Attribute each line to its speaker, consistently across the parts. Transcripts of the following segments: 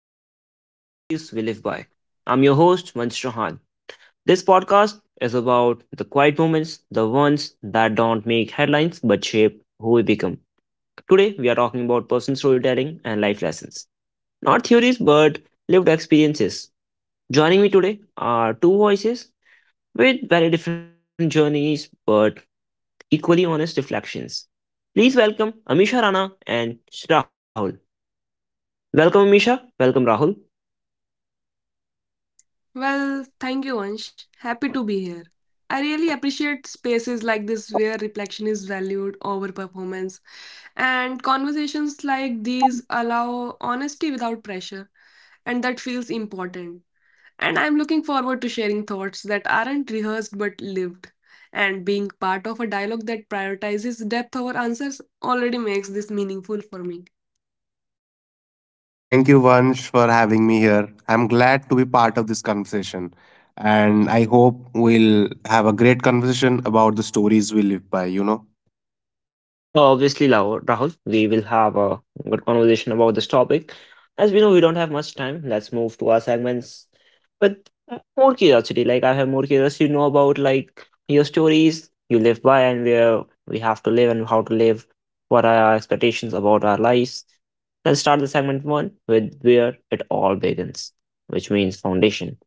Speaker 1: Welcome back to Stories We Live By. I'm your host, Vansh Chauhan. This podcast is about the quiet moments, the ones that don't make headlines but shape who we become. Today, we are talking about personal storytelling and life lessons. Not theories, but lived experiences. Joining me today are two voices with very different journeys but equally honest reflections. Please welcome Amisha Rana and Rahul. Welcome, Amisha. Welcome, Rahul.
Speaker 2: Well, thank you, Ansh. Happy to be here. I really appreciate spaces like this where reflection is valued over performance, and conversations like these allow honesty without pressure, and that feels important. And I'm looking forward to sharing thoughts that aren't rehearsed but lived. And being part of a dialogue that prioritizes depth over answers already makes this meaningful for me.
Speaker 3: Thank you, Vansh, for having me here. I'm glad to be part of this conversation. And I hope we'll have a great conversation about the stories we live by, you know?
Speaker 1: Obviously, Rahul, we will have a good conversation about this topic. As we know, we don't have much time. Let's move to our segments with more curiosity. Like I have more curiosity to know about like your stories you live by and where we have to live and how to live. What are our expectations about our lives? Let's start the segment one with where it all begins, which means foundation.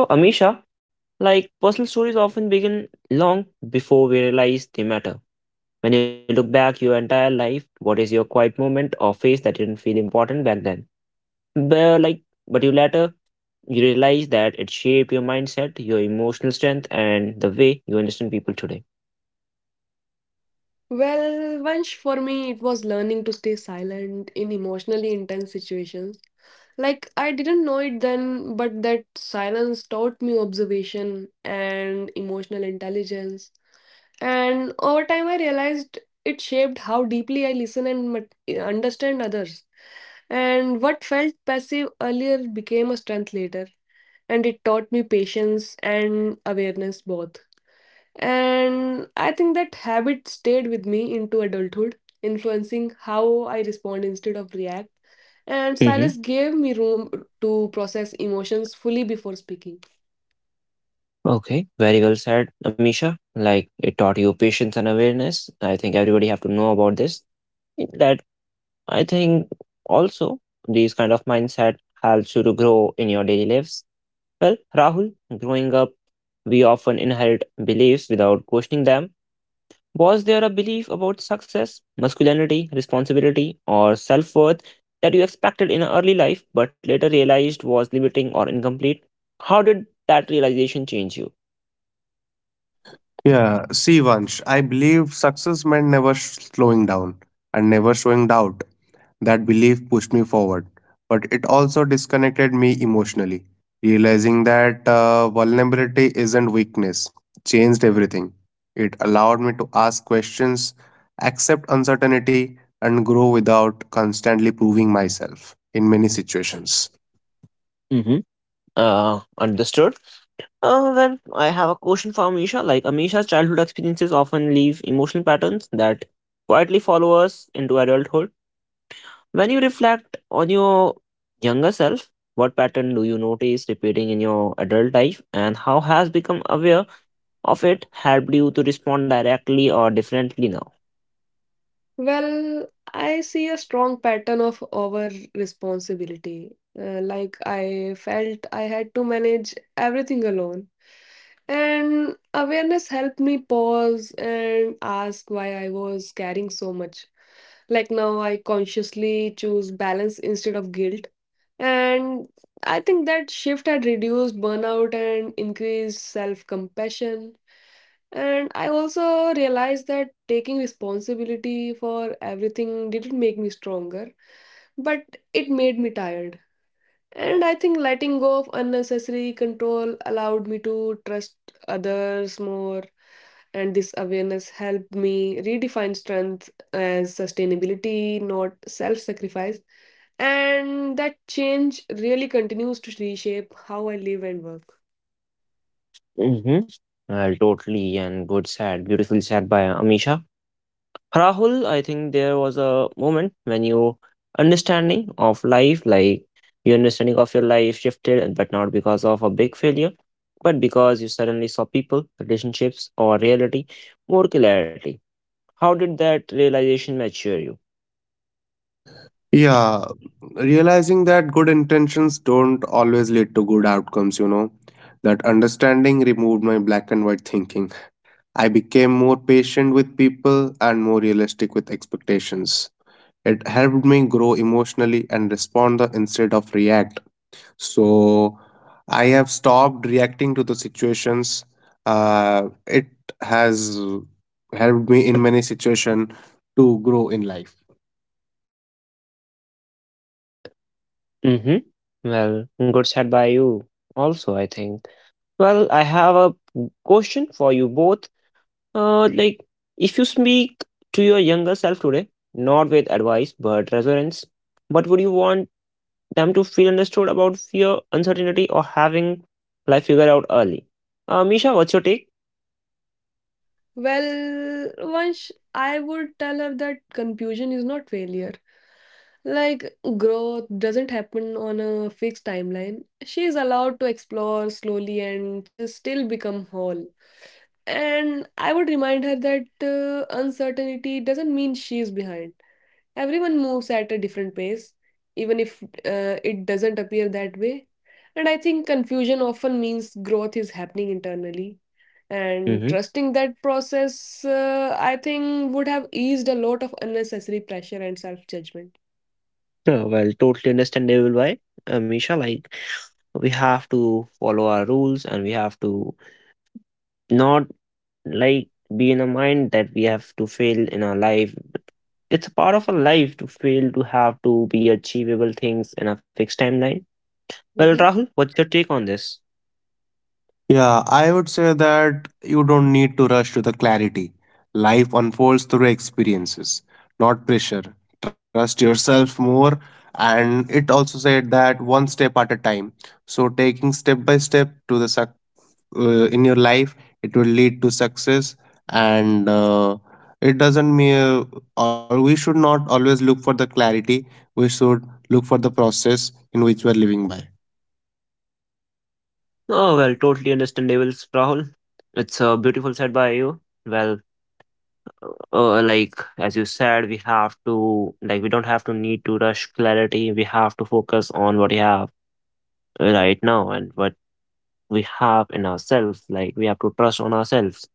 Speaker 1: So, Amisha, like personal stories often begin long before we realize they matter when you look back your entire life, what is your quiet moment or phase that didn't feel important back then? But like, but you later you realize that it shaped your mindset, your emotional strength, and the way you understand people today.
Speaker 2: Well, once for me, it was learning to stay silent in emotionally intense situations. Like, I didn't know it then, but that silence taught me observation and emotional intelligence. And over time, I realized it shaped how deeply I listen and understand others. And what felt passive earlier became a strength later, and it taught me patience and awareness both. And I think that habit stayed with me into adulthood, influencing how I respond instead of react. And
Speaker 1: Mm-hmm.
Speaker 2: silence gave me room to process emotions fully before speaking.
Speaker 1: Okay, very well said, Amisha. Like it taught you patience and awareness. I think everybody have to know about this. That I think also these kind of mindset helps you to grow in your daily lives. Well, Rahul, growing up, we often inherit beliefs without questioning them. Was there a belief about success, masculinity, responsibility, or self worth that you expected in early life but later realized was limiting or incomplete? How did that realization change you?
Speaker 3: Yeah, see, Vansh, I believe success meant never sh- slowing down and never showing doubt. That belief pushed me forward, but it also disconnected me emotionally. Realizing that vulnerability isn't weakness changed everything. It allowed me to ask questions, accept uncertainty, and grow without constantly proving myself in many situations.
Speaker 1: Mm-hmm. Understood. Well, I have a question for Amisha. Like, Amisha's childhood experiences often leave emotional patterns that quietly follow us into adulthood. When you reflect on your younger self, what pattern do you notice repeating in your adult life, and how has become aware of it helped you to respond directly or differently now?
Speaker 2: Well, I see a strong pattern of over responsibility. Like I felt I had to manage everything alone. And awareness helped me pause and ask why I was carrying so much. Like now, I consciously choose balance instead of guilt. And I think that shift had reduced burnout and increased self compassion. And I also realized that taking responsibility for everything didn't make me stronger, but it made me tired. And I think letting go of unnecessary control allowed me to trust others more. And this awareness helped me redefine strength as sustainability, not self sacrifice. And that change really continues to reshape how I live and work.
Speaker 1: Mm-hmm. Well, totally, and good said, beautiful said by Amisha. Rahul, I think there was a moment when your understanding of life, like your understanding of your life shifted, but not because of a big failure, but because you suddenly saw people, relationships, or reality more clarity. How did that realization mature you?
Speaker 3: Yeah, realizing that good intentions don't always lead to good outcomes, you know. That understanding removed my black and white thinking. I became more patient with people and more realistic with expectations. It helped me grow emotionally and instead of react. So I have stopped reacting to the situations. It has helped me in many situations to grow in life.
Speaker 1: Mm-hmm. Well, good said by you also, I think. Well, I have a question for you both. Like, if you speak to your younger self today, not with advice, but resonance, what would you want them to feel understood about fear, uncertainty, or having life figured out early. Misha, what's your take?
Speaker 2: Well, once I would tell her that confusion is not failure. Like, growth doesn't happen on a fixed timeline. She is allowed to explore slowly and to still become whole. And I would remind her that uncertainty doesn't mean she is behind. Everyone moves at a different pace, even if it doesn't appear that way. And I think confusion often means growth is happening internally. And
Speaker 1: Mm-hmm.
Speaker 2: trusting that process, I think, would have eased a lot of unnecessary pressure and self judgment.
Speaker 1: Well, totally understandable why, Misha. Like, we have to follow our rules and we have to not like be in a mind that we have to fail in our life. It's a part of our life to fail, to have to be achievable things in a fixed timeline. Well, Rahul, what's your take on this?
Speaker 3: Yeah, I would say that you don't need to rush to the clarity. Life unfolds through experiences, not pressure. Trust yourself more. And it also said that one step at a time. So taking step by step to in your life, it will lead to success. And it doesn't mean, or we should not always look for the clarity. We should look for the process in which we are living by.
Speaker 1: Oh, well, totally understandable, Rahul. It's a beautiful said by you. Well, like as you said we have to like we don't have to need to rush clarity. We have to focus on what we have right now and what we have in ourselves. Like we have to trust on ourselves.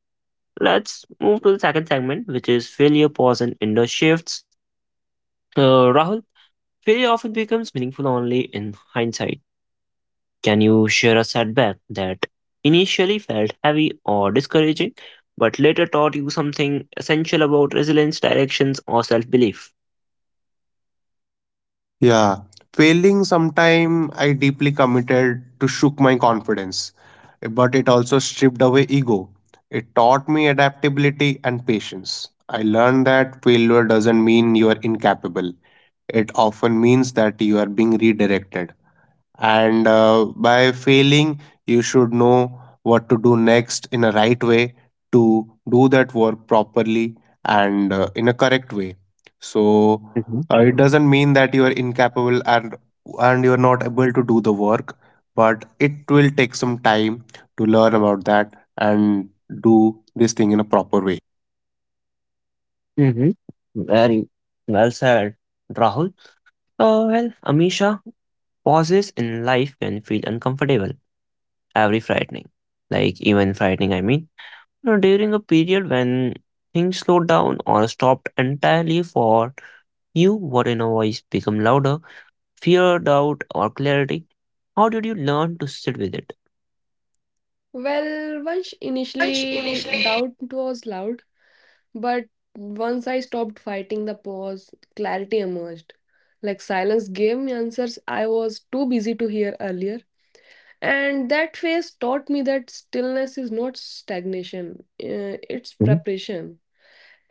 Speaker 1: Let's move to the second segment, which is failure, pause and inner shifts. Rahul, failure often becomes meaningful only in hindsight. Can you share a setback that initially felt heavy or discouraging but later taught you something essential about resilience directions or self-belief?
Speaker 3: Yeah, failing sometime I deeply committed to shook my confidence, but it also stripped away ego. It taught me adaptability and patience. I learned that failure doesn't mean you are incapable. It often means that you are being redirected and by failing you should know what to do next in a right way to do that work properly and in a correct way, so it doesn't mean that you are incapable and you are not able to do the work, but it will take some time to learn about that and do this thing in a proper way.
Speaker 1: Mhm. Very well said, Rahul. Well, Amisha, pauses in life can feel uncomfortable, every frightening. Like, even frightening, I mean. You know, during a period when things slowed down or stopped entirely for you, what in a voice become louder, fear, doubt, or clarity. How did you learn to sit with it?
Speaker 2: Well, once initially doubt was loud, but once I stopped fighting the pause, clarity emerged. Like silence gave me answers I was too busy to hear earlier. And that phase taught me that stillness is not stagnation, it's
Speaker 1: Mhm.
Speaker 2: preparation.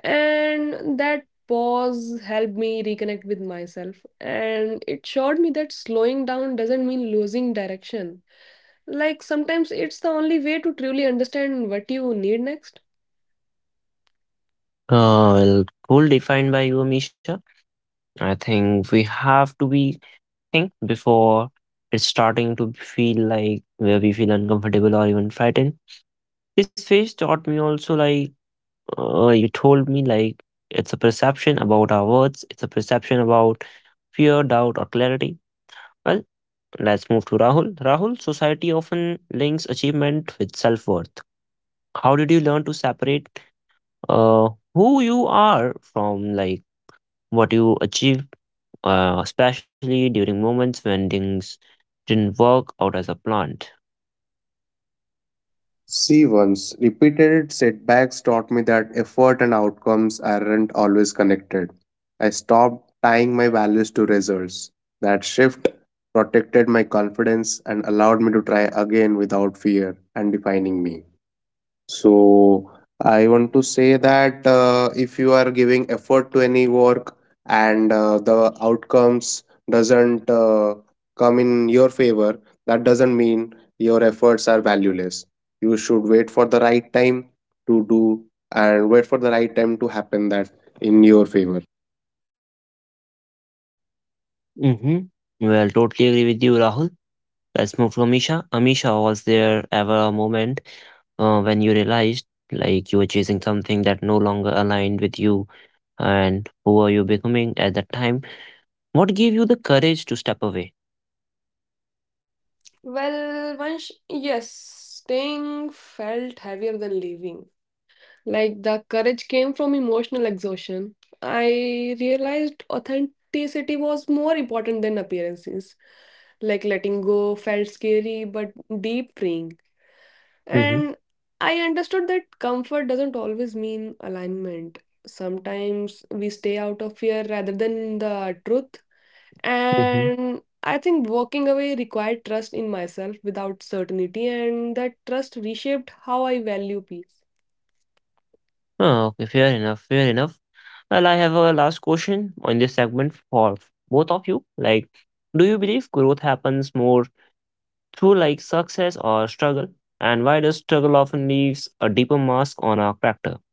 Speaker 2: And that pause helped me reconnect with myself. And it showed me that slowing down doesn't mean losing direction, like sometimes it's the only way to truly understand what you need next.
Speaker 1: Well, goal defined by you, Amisha. I think we have to be think before it's starting to feel like where we feel uncomfortable or even frightened. This phase taught me also like you told me like it's a perception about our words, it's a perception about fear, doubt, or clarity. Well, let's move to Rahul. Rahul, society often links achievement with self worth. How did you learn to separate uh, who you are from like what you achieve, especially during moments when things didn't work out as a plan?
Speaker 3: Stevens' repeated setbacks taught me that effort and outcomes aren't always connected. I stopped tying my values to results. That shift protected my confidence and allowed me to try again without fear and defining me. So I want to say that if you are giving effort to any work and the outcomes doesn't come in your favor, that doesn't mean your efforts are valueless. You should wait for the right time to do and wait for the right time to happen that in your favor.
Speaker 1: Mhm. Well, totally agree with you, Rahul. Let's move to Amisha. Amisha, was there ever a moment when you realized like you were chasing something that no longer aligned with you and who are you becoming at that time? What gave you the courage to step away?
Speaker 2: Well, once, yes, staying felt heavier than leaving. Like the courage came from emotional exhaustion. I realized authenticity was more important than appearances. Like letting go felt scary but deep freeing.
Speaker 1: Mm-hmm.
Speaker 2: And I understood that comfort doesn't always mean alignment. Sometimes we stay out of fear rather than the truth.
Speaker 1: Mm-hmm.
Speaker 2: And I think walking away required trust in myself without certainty, and that trust reshaped how I value peace.
Speaker 1: Oh, okay, fair enough, fair enough. Well, I have a last question on this segment for both of you. Like, do you believe growth happens more through like success or struggle, and why does struggle often leaves a deeper mask on our character?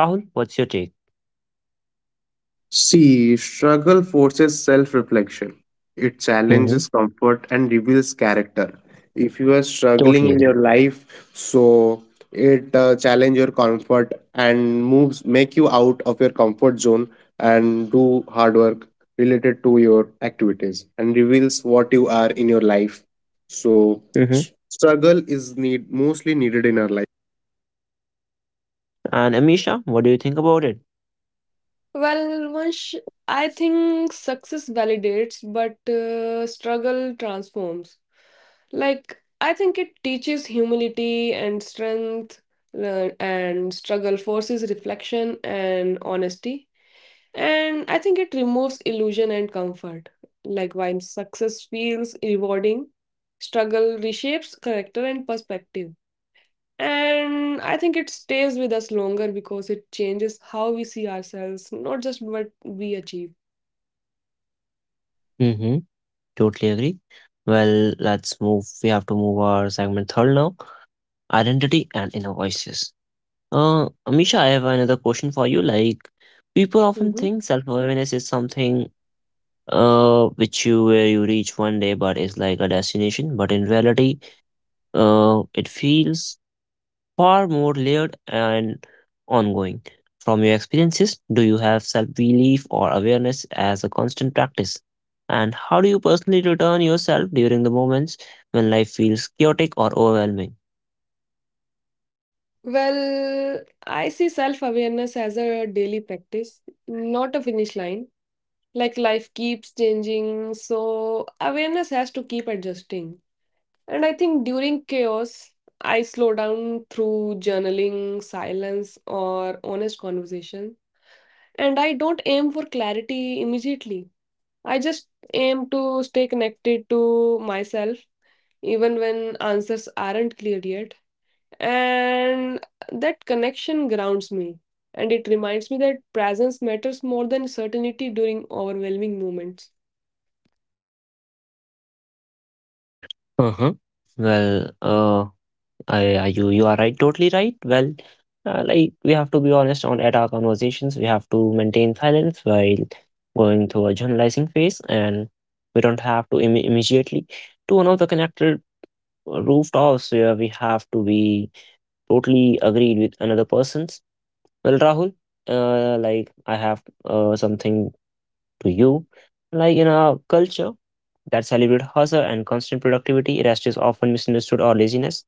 Speaker 1: Rahul, what's your take?
Speaker 3: See, struggle forces self reflection. It
Speaker 1: Mm-hmm.
Speaker 3: challenges comfort and reveals character. If you are
Speaker 1: Totally
Speaker 3: struggling
Speaker 1: agree.
Speaker 3: in your life, so it challenge your comfort and moves make you out of your comfort zone and do hard work related to your activities and reveals what you are in your life. So
Speaker 1: Hmm.
Speaker 3: struggle is need mostly needed in our life.
Speaker 1: And Amisha, what do you think about it?
Speaker 2: Well, once I think success validates, but struggle transforms. Like, I think it teaches humility and strength, and struggle forces reflection and honesty. And I think it removes illusion and comfort. Like while success feels rewarding, struggle reshapes character and perspective. And I think it stays with us longer because it changes how we see ourselves, not just what we achieve.
Speaker 1: Mm-hmm. Totally agree. Well, let's move. We have to move our segment third now, identity and inner voices. Amisha, I have another question for you. Like, people often
Speaker 2: Mhm.
Speaker 1: think self awareness is something which you where you reach one day but it's like a destination but in reality it feels far more layered and ongoing. From your experiences, do you have self belief or awareness as a constant practice? And how do you personally return yourself during the moments when life feels chaotic or overwhelming?
Speaker 2: Well, I see self awareness as a daily practice, not a finish line. Like life keeps changing, so awareness has to keep adjusting. And I think during chaos, I slow down through journaling, silence, or honest conversation. And I don't aim for clarity immediately. I just aim to stay connected to myself, even when answers aren't clear yet. And that connection grounds me. And it reminds me that presence matters more than certainty during overwhelming moments.
Speaker 1: Uh-huh. Well, you are right, totally right. Well, like we have to be honest on at our conversations, we have to maintain silence while going through a journalizing phase, and we don't have to immediately to one of the connected rooftops where we have to be totally agreed with another person's. Well, Rahul, like I have something to you. Like in our culture that celebrates hustle and constant productivity, rest is often misunderstood or laziness.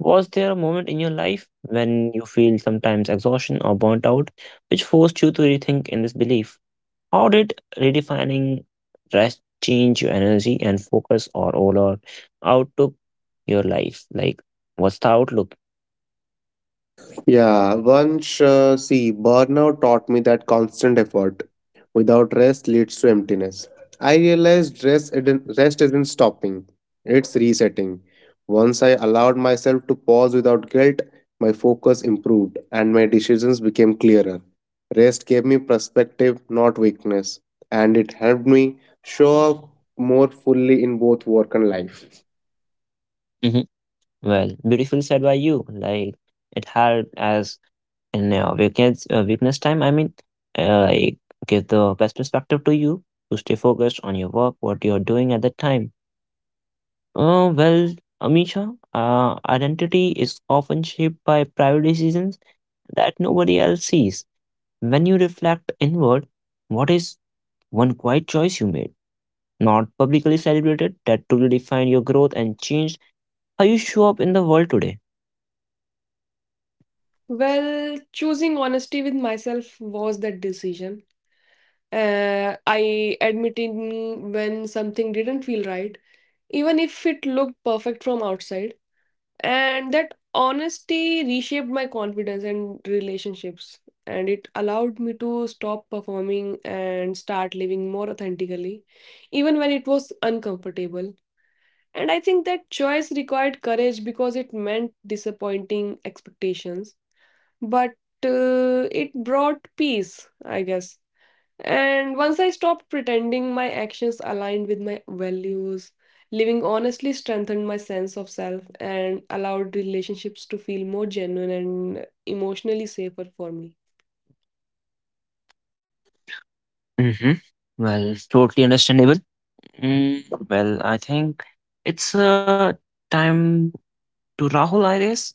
Speaker 1: Was there a moment in your life when you feel sometimes exhaustion or burnt out, which forced you to rethink in this belief? How did redefining rest change your energy and focus or overall outlook your life? Like, what's the outlook?
Speaker 3: Yeah, see, burnout taught me that constant effort without rest leads to emptiness. I realized rest isn't stopping, it's resetting. Once I allowed myself to pause without guilt, my focus improved and my decisions became clearer. Rest gave me perspective, not weakness, and it helped me show up more fully in both work and life.
Speaker 1: Hmm. Well, beautiful said by you. Like it helped as in weakness time. I mean, like give the best perspective to you to stay focused on your work, what you're doing at that time. Well, Amisha, identity is often shaped by private decisions that nobody else sees. When you reflect inward, what is one quiet choice you made, not publicly celebrated, that truly defined your growth and changed how you show up in the world today?
Speaker 2: Well, choosing honesty with myself was that decision. I admitting when something didn't feel right, even if it looked perfect from outside. And that honesty reshaped my confidence and relationships. And it allowed me to stop performing and start living more authentically, even when it was uncomfortable. And I think that choice required courage because it meant disappointing expectations, but it brought peace, I guess, and once I stopped pretending, my actions aligned with my values. Living honestly strengthened my sense of self and allowed relationships to feel more genuine and emotionally safer for me.
Speaker 1: Mm-hmm. Well, totally understandable. Mm, well, I think it's time to Rahul, I guess.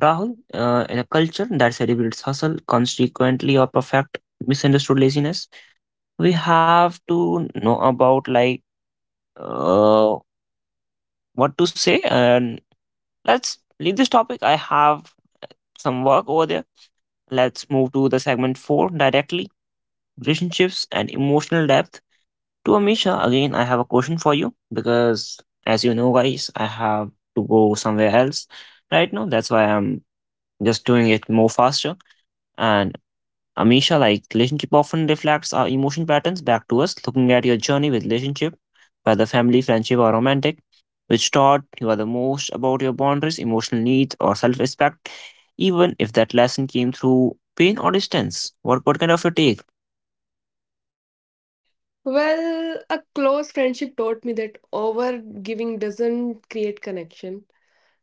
Speaker 1: Rahul, in a culture that celebrates hustle, consequently, or perfect misunderstood laziness, we have to know about like uh, what to say and let's leave this topic. I have some work over there. Let's move to the segment four directly, relationships and emotional depth. To Amisha, again, I have a question for you because, as you know, guys, I have to go somewhere else right now. That's why I'm just doing it more faster. And Amisha, like relationship often reflects our emotion patterns back to us, looking at your journey with relationship, whether family, friendship, or romantic, which taught you are the most about your boundaries, emotional needs, or self respect, even if that lesson came through pain or distance. What kind of your take?
Speaker 2: Well, a close friendship taught me that over giving doesn't create connection.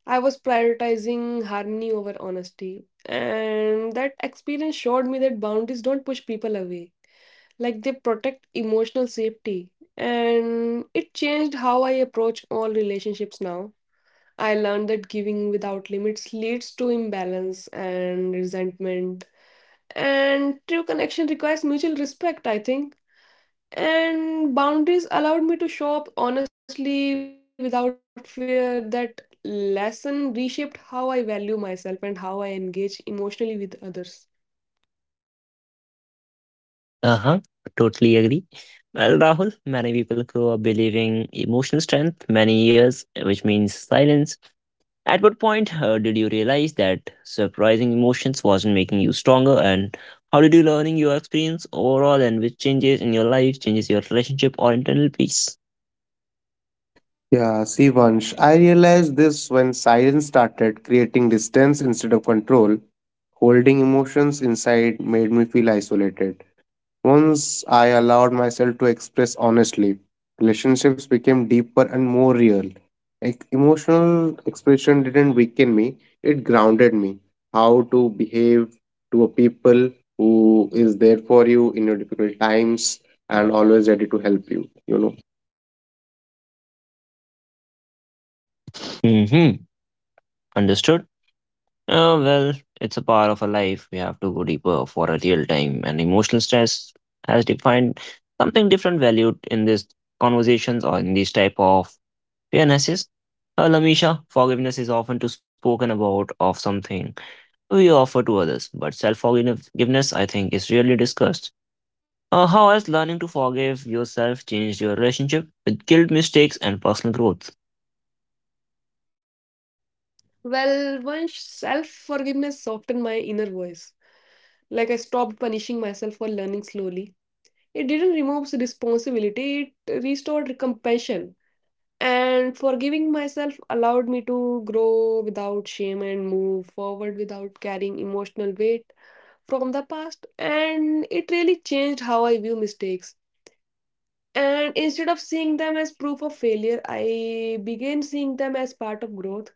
Speaker 2: I was prioritizing harmony over honesty, and that experience showed me that boundaries don't push people away. Like they protect emotional safety, and it changed how I approach all relationships now. I learned that giving without limits leads to imbalance and resentment, and true connection requires mutual respect, I think. And boundaries allowed me to show up honestly without fear. That lesson reshaped how I value myself and how I engage emotionally with others.
Speaker 1: Uh huh. Totally agree. Well, Rahul, many people grow up believing emotional strength many years, which means silence. At what point did you realize that surprising emotions wasn't making you stronger, and how did you learning your experience overall, and which changes in your life changes your relationship or internal peace?
Speaker 3: Yeah, Sivansh, I realized this when silence started creating distance instead of control. Holding emotions inside made me feel isolated. Once I allowed myself to express honestly, relationships became deeper and more real. Like, emotional expression didn't weaken me, it grounded me. How to behave to a people who is there for you in your difficult times and always ready to help you, you know.
Speaker 1: Hmm. Understood. Well, it's a part of a life. We have to go deeper for a real time, and emotional stress has defined something different valued in these conversations or in these type of fairnesses. Lamisha, forgiveness is often to spoken about of something we offer to others. But self forgiveness, I think, is rarely discussed. How has learning to forgive yourself changed your relationship with guilt, mistakes, and personal growth?
Speaker 2: Well, once self forgiveness softened my inner voice. Like I stopped punishing myself for learning slowly. It didn't remove responsibility, it restored compassion. And forgiving myself allowed me to grow without shame and move forward without carrying emotional weight from the past. And it really changed how I view mistakes. And instead of seeing them as proof of failure, I began seeing them as part of growth.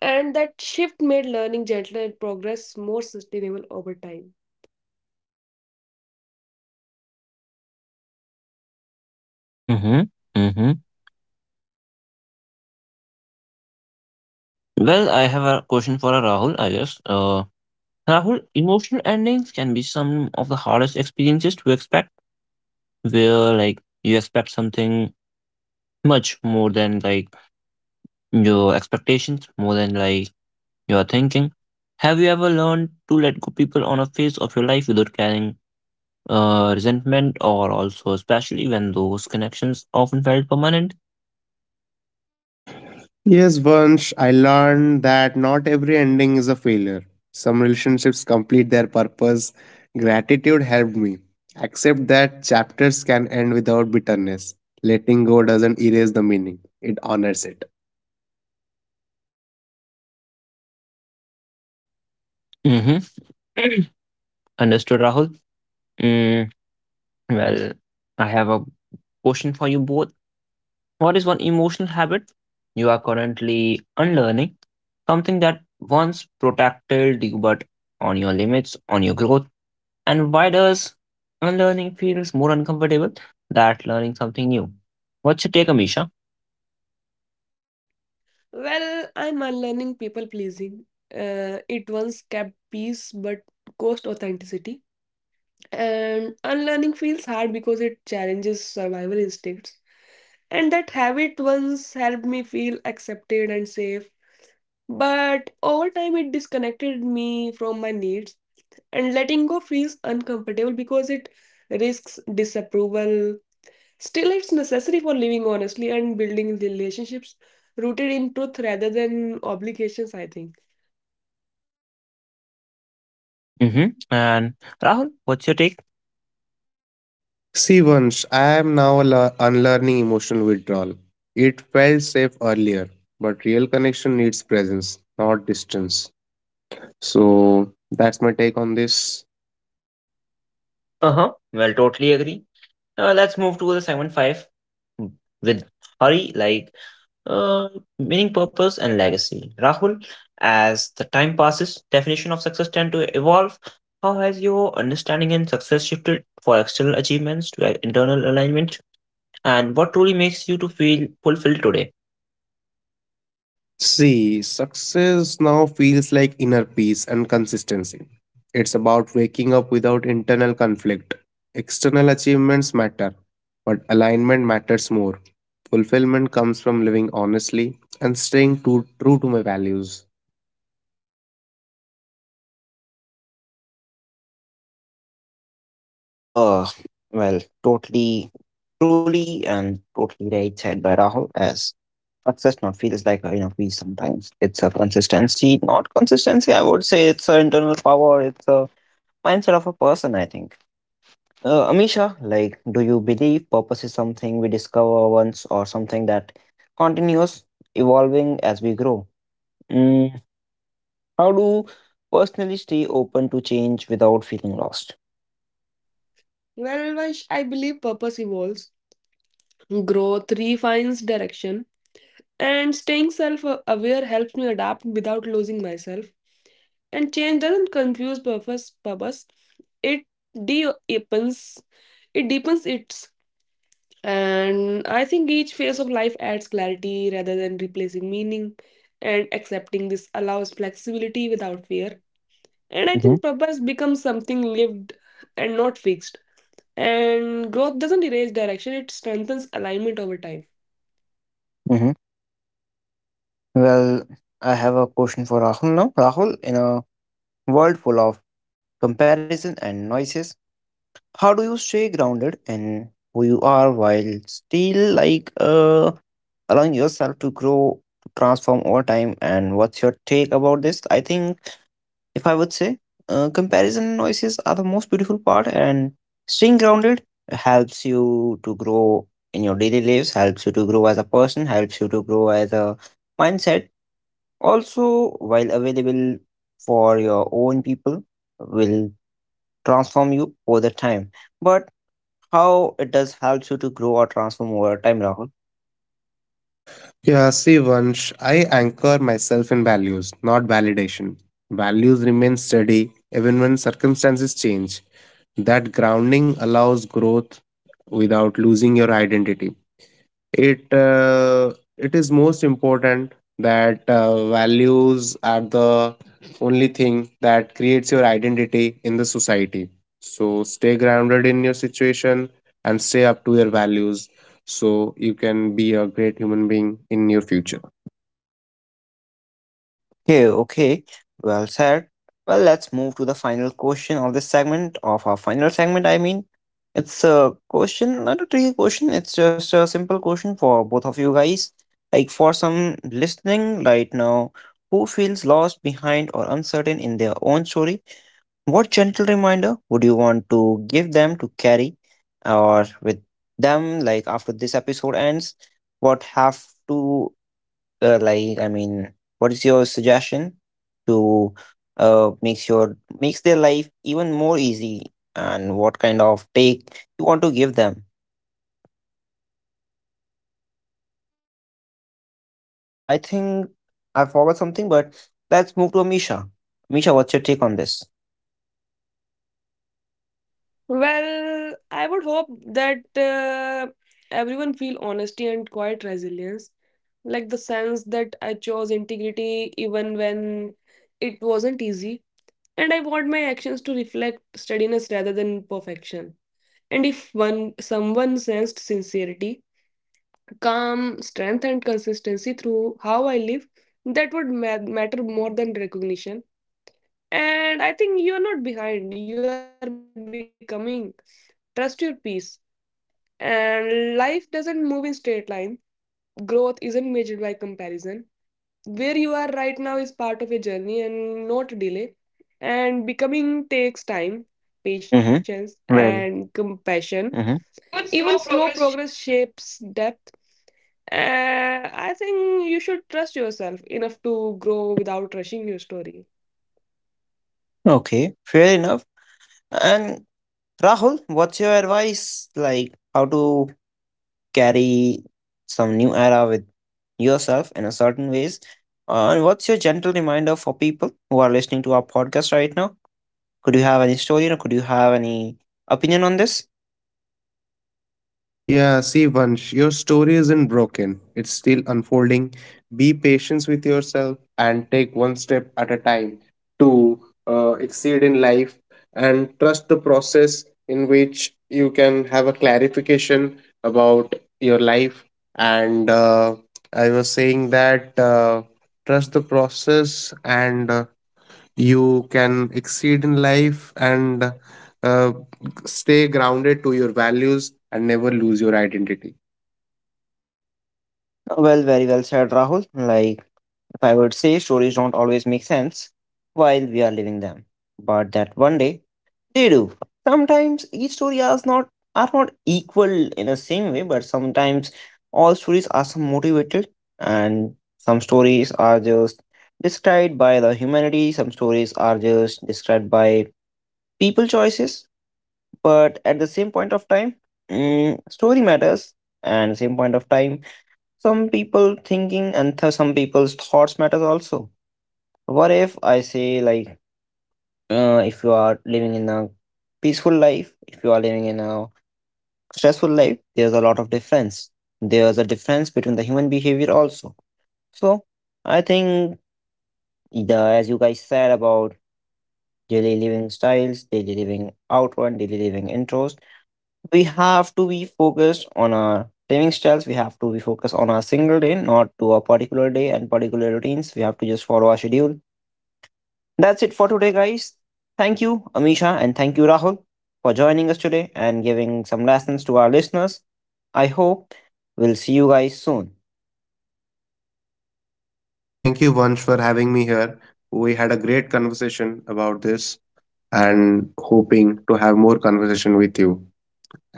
Speaker 2: And that shift made learning gentler and progress more sustainable over time.
Speaker 1: Mm-hmm. Mm-hmm. Well, I have a question for Rahul, I guess. Rahul, emotional endings can be some of the hardest experiences to expect, where like you expect something much more than like your expectations, more than like your thinking. Have you ever learned to let go people on a phase of your life without carrying resentment, or also especially when those connections often felt permanent.
Speaker 3: Yes, Vansh, I learned that not every ending is a failure. Some relationships complete their purpose. Gratitude helped me. Accept that chapters can end without bitterness. Letting go doesn't erase the meaning, it honors it.
Speaker 1: Mm-hmm. Understood, Rahul. Mm, well, I have a question for you both. What is one emotional habit you are currently unlearning? Something that once protected you, but on your limits, on your growth. And why does unlearning feels more uncomfortable than learning something new? What's your take, Amisha?
Speaker 2: Well, I'm unlearning people pleasing. It once kept peace but cost authenticity. And unlearning feels hard because it challenges survival instincts. And that habit once helped me feel accepted and safe. But over time, it disconnected me from my needs. And letting go feels uncomfortable because it risks disapproval. Still, it's necessary for living honestly and building relationships rooted in truth rather than obligations, I think.
Speaker 1: Mm-hmm. And Rahul, what's your take?
Speaker 3: See, Vansh, I am now unlearning emotional withdrawal. It felt safe earlier, but real connection needs presence, not distance. So, that's my take on this.
Speaker 1: Uh-huh. Well, totally agree. Let's move to the segment five with hurry, like uh, meaning, purpose, and legacy. Rahul, as the time passes, definition of success tend to evolve. How has your understanding and success shifted for external achievements to internal alignment? And what truly makes you to feel fulfilled today?
Speaker 3: See, success now feels like inner peace and consistency. It's about waking up without internal conflict. External achievements matter, but alignment matters more. Fulfillment comes from living honestly and staying true to my values.
Speaker 1: Uh, totally, truly, and totally right said by Rahul. As success not feels like a piece sometimes. It's a consistency, not consistency. I would say it's an internal power. It's a mindset of a person, I think. Amisha, like, do you believe purpose is something we discover once or something that continues evolving as we grow? Mm, how do personally stay open to change without feeling lost?
Speaker 2: Well, I believe purpose evolves, growth refines direction, and staying self aware helps me adapt without losing myself. And change doesn't confuse purpose, purpose it deepens it deepens its and I think each phase of life adds clarity rather than replacing meaning, and accepting this allows flexibility without fear. And I think
Speaker 1: Hmm.
Speaker 2: purpose becomes something lived and not fixed. And growth doesn't erase direction, it strengthens alignment over time.
Speaker 1: Hmm. Well, I have a question for Rahul now. Rahul, in a world full of comparison and noises, how do you stay grounded in who you are while still like allowing yourself to grow, to transform over time? And what's your take about this? I think if I would say comparison noises are the most beautiful part, and staying grounded helps you to grow in your daily lives, helps you to grow as a person, helps you to grow as a mindset. Also, while available for your own people, will transform you over the time. But how it does helps you to grow or transform over time, Rahul?
Speaker 3: Yeah, see, Vansh, I anchor myself in values, not validation. Values remain steady even when circumstances change. That grounding allows growth without losing your identity. It is most important that values are the only thing that creates your identity in the society, so stay grounded in your situation and stay up to your values, so you can be a great human being in your future.
Speaker 1: Okay, okay, well said. Well, let's move to the final question of this segment, of our final segment, I mean. It's a question, not a tricky question, it's just a simple question for both of you guys. Like for some listening right now, who feels lost, behind, or uncertain in their own story, what gentle reminder would you want to give them to carry or with them, like after this episode ends? What have to like I mean, what is your suggestion to makes your makes their life even more easy, and what kind of take you want to give them? I think I forgot something, but let's move to Amisha. Amisha, what's your take on this?
Speaker 4: Well, I would hope that everyone feel honesty and quiet resilience, like the sense that I chose integrity even when it wasn't easy, and I want my actions to reflect steadiness rather than perfection. And if one someone sensed sincerity, calm, strength, and consistency through how I live, that would matter more than recognition. And I think you are not behind; you are becoming. Trust your peace. And life doesn't move in straight line. Growth isn't measured by comparison. Where you are right now is part of a journey and not a delay. And becoming takes time,
Speaker 1: Mm-hmm.
Speaker 4: patience,
Speaker 1: Well.
Speaker 4: and compassion.
Speaker 1: Mm-hmm. Good
Speaker 4: Even
Speaker 1: slow
Speaker 4: slow
Speaker 1: progress.
Speaker 4: progress shapes depth. I think you should trust yourself enough to grow without rushing your story.
Speaker 1: Okay, fair enough. And Rahul, what's your advice, like how to carry some new era with yourself in a certain ways? And what's your gentle reminder for people who are listening to our podcast right now? Could you have any story or could you have any opinion on this?
Speaker 3: Yeah, see, Vansh, your story isn't broken. It's still unfolding. Be patient with yourself and take one step at a time to exceed in life and trust the process in which you can have a clarification about your life. And I was saying that trust the process and you can exceed in life and uh, stay grounded to your values and never lose your identity.
Speaker 1: Well, very well said, Rahul. Like, if I would say, stories don't always make sense while we are living them, but that one day they do. Sometimes each story is not are not equal in the same way, but sometimes all stories are some motivated, and some stories are just described by the humanity, some stories are just described by people choices. But at the same point of time, story matters, and same point of time, some people thinking and some people's thoughts matters also. What if I say like if you are living in a peaceful life, if you are living in a stressful life, there's a lot of difference. There's a difference between the human behavior also. So I think the as you guys said about daily living styles, daily living outward, daily living intros, we have to be focused on our living styles. We have to be focused on our single day, not to a particular day and particular routines. We have to just follow our schedule. That's it for today, guys. Thank you, Amisha, and thank you, Rahul, for joining us today and giving some lessons to our listeners. I hope we'll see you guys soon.
Speaker 3: Thank you, Vansh, for having me here. We had a great conversation about this and hoping to have more conversation with you.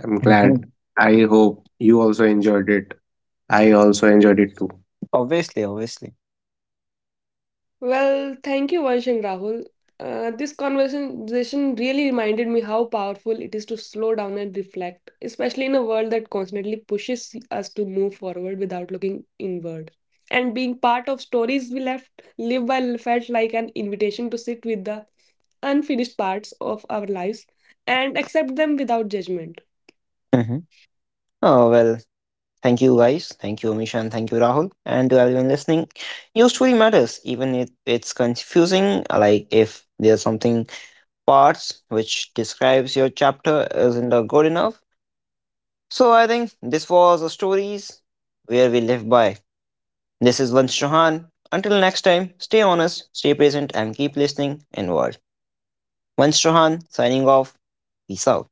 Speaker 3: I'm glad.
Speaker 1: Mhm.
Speaker 3: I hope you also enjoyed it. I also enjoyed it too.
Speaker 1: Obviously, obviously.
Speaker 4: Well, thank you, Vansh and Rahul. This conversation really reminded me how powerful it is to slow down and reflect, especially in a world that constantly pushes us to move forward without looking inward. And being part of stories we left live by felt like an invitation to sit with the unfinished parts of our lives and accept them without judgment.
Speaker 1: Hmm. Oh, well, thank you guys. Thank you, Amisha, and thank you, Rahul. And to everyone listening, your story matters, even if it's confusing. Like, if there's something parts which describes your chapter isn't good enough. So, I think this was a stories where we live by. This is Vansh Chauhan. Until next time, stay honest, stay present, and keep listening inward. Vansh Chauhan signing off. Peace out.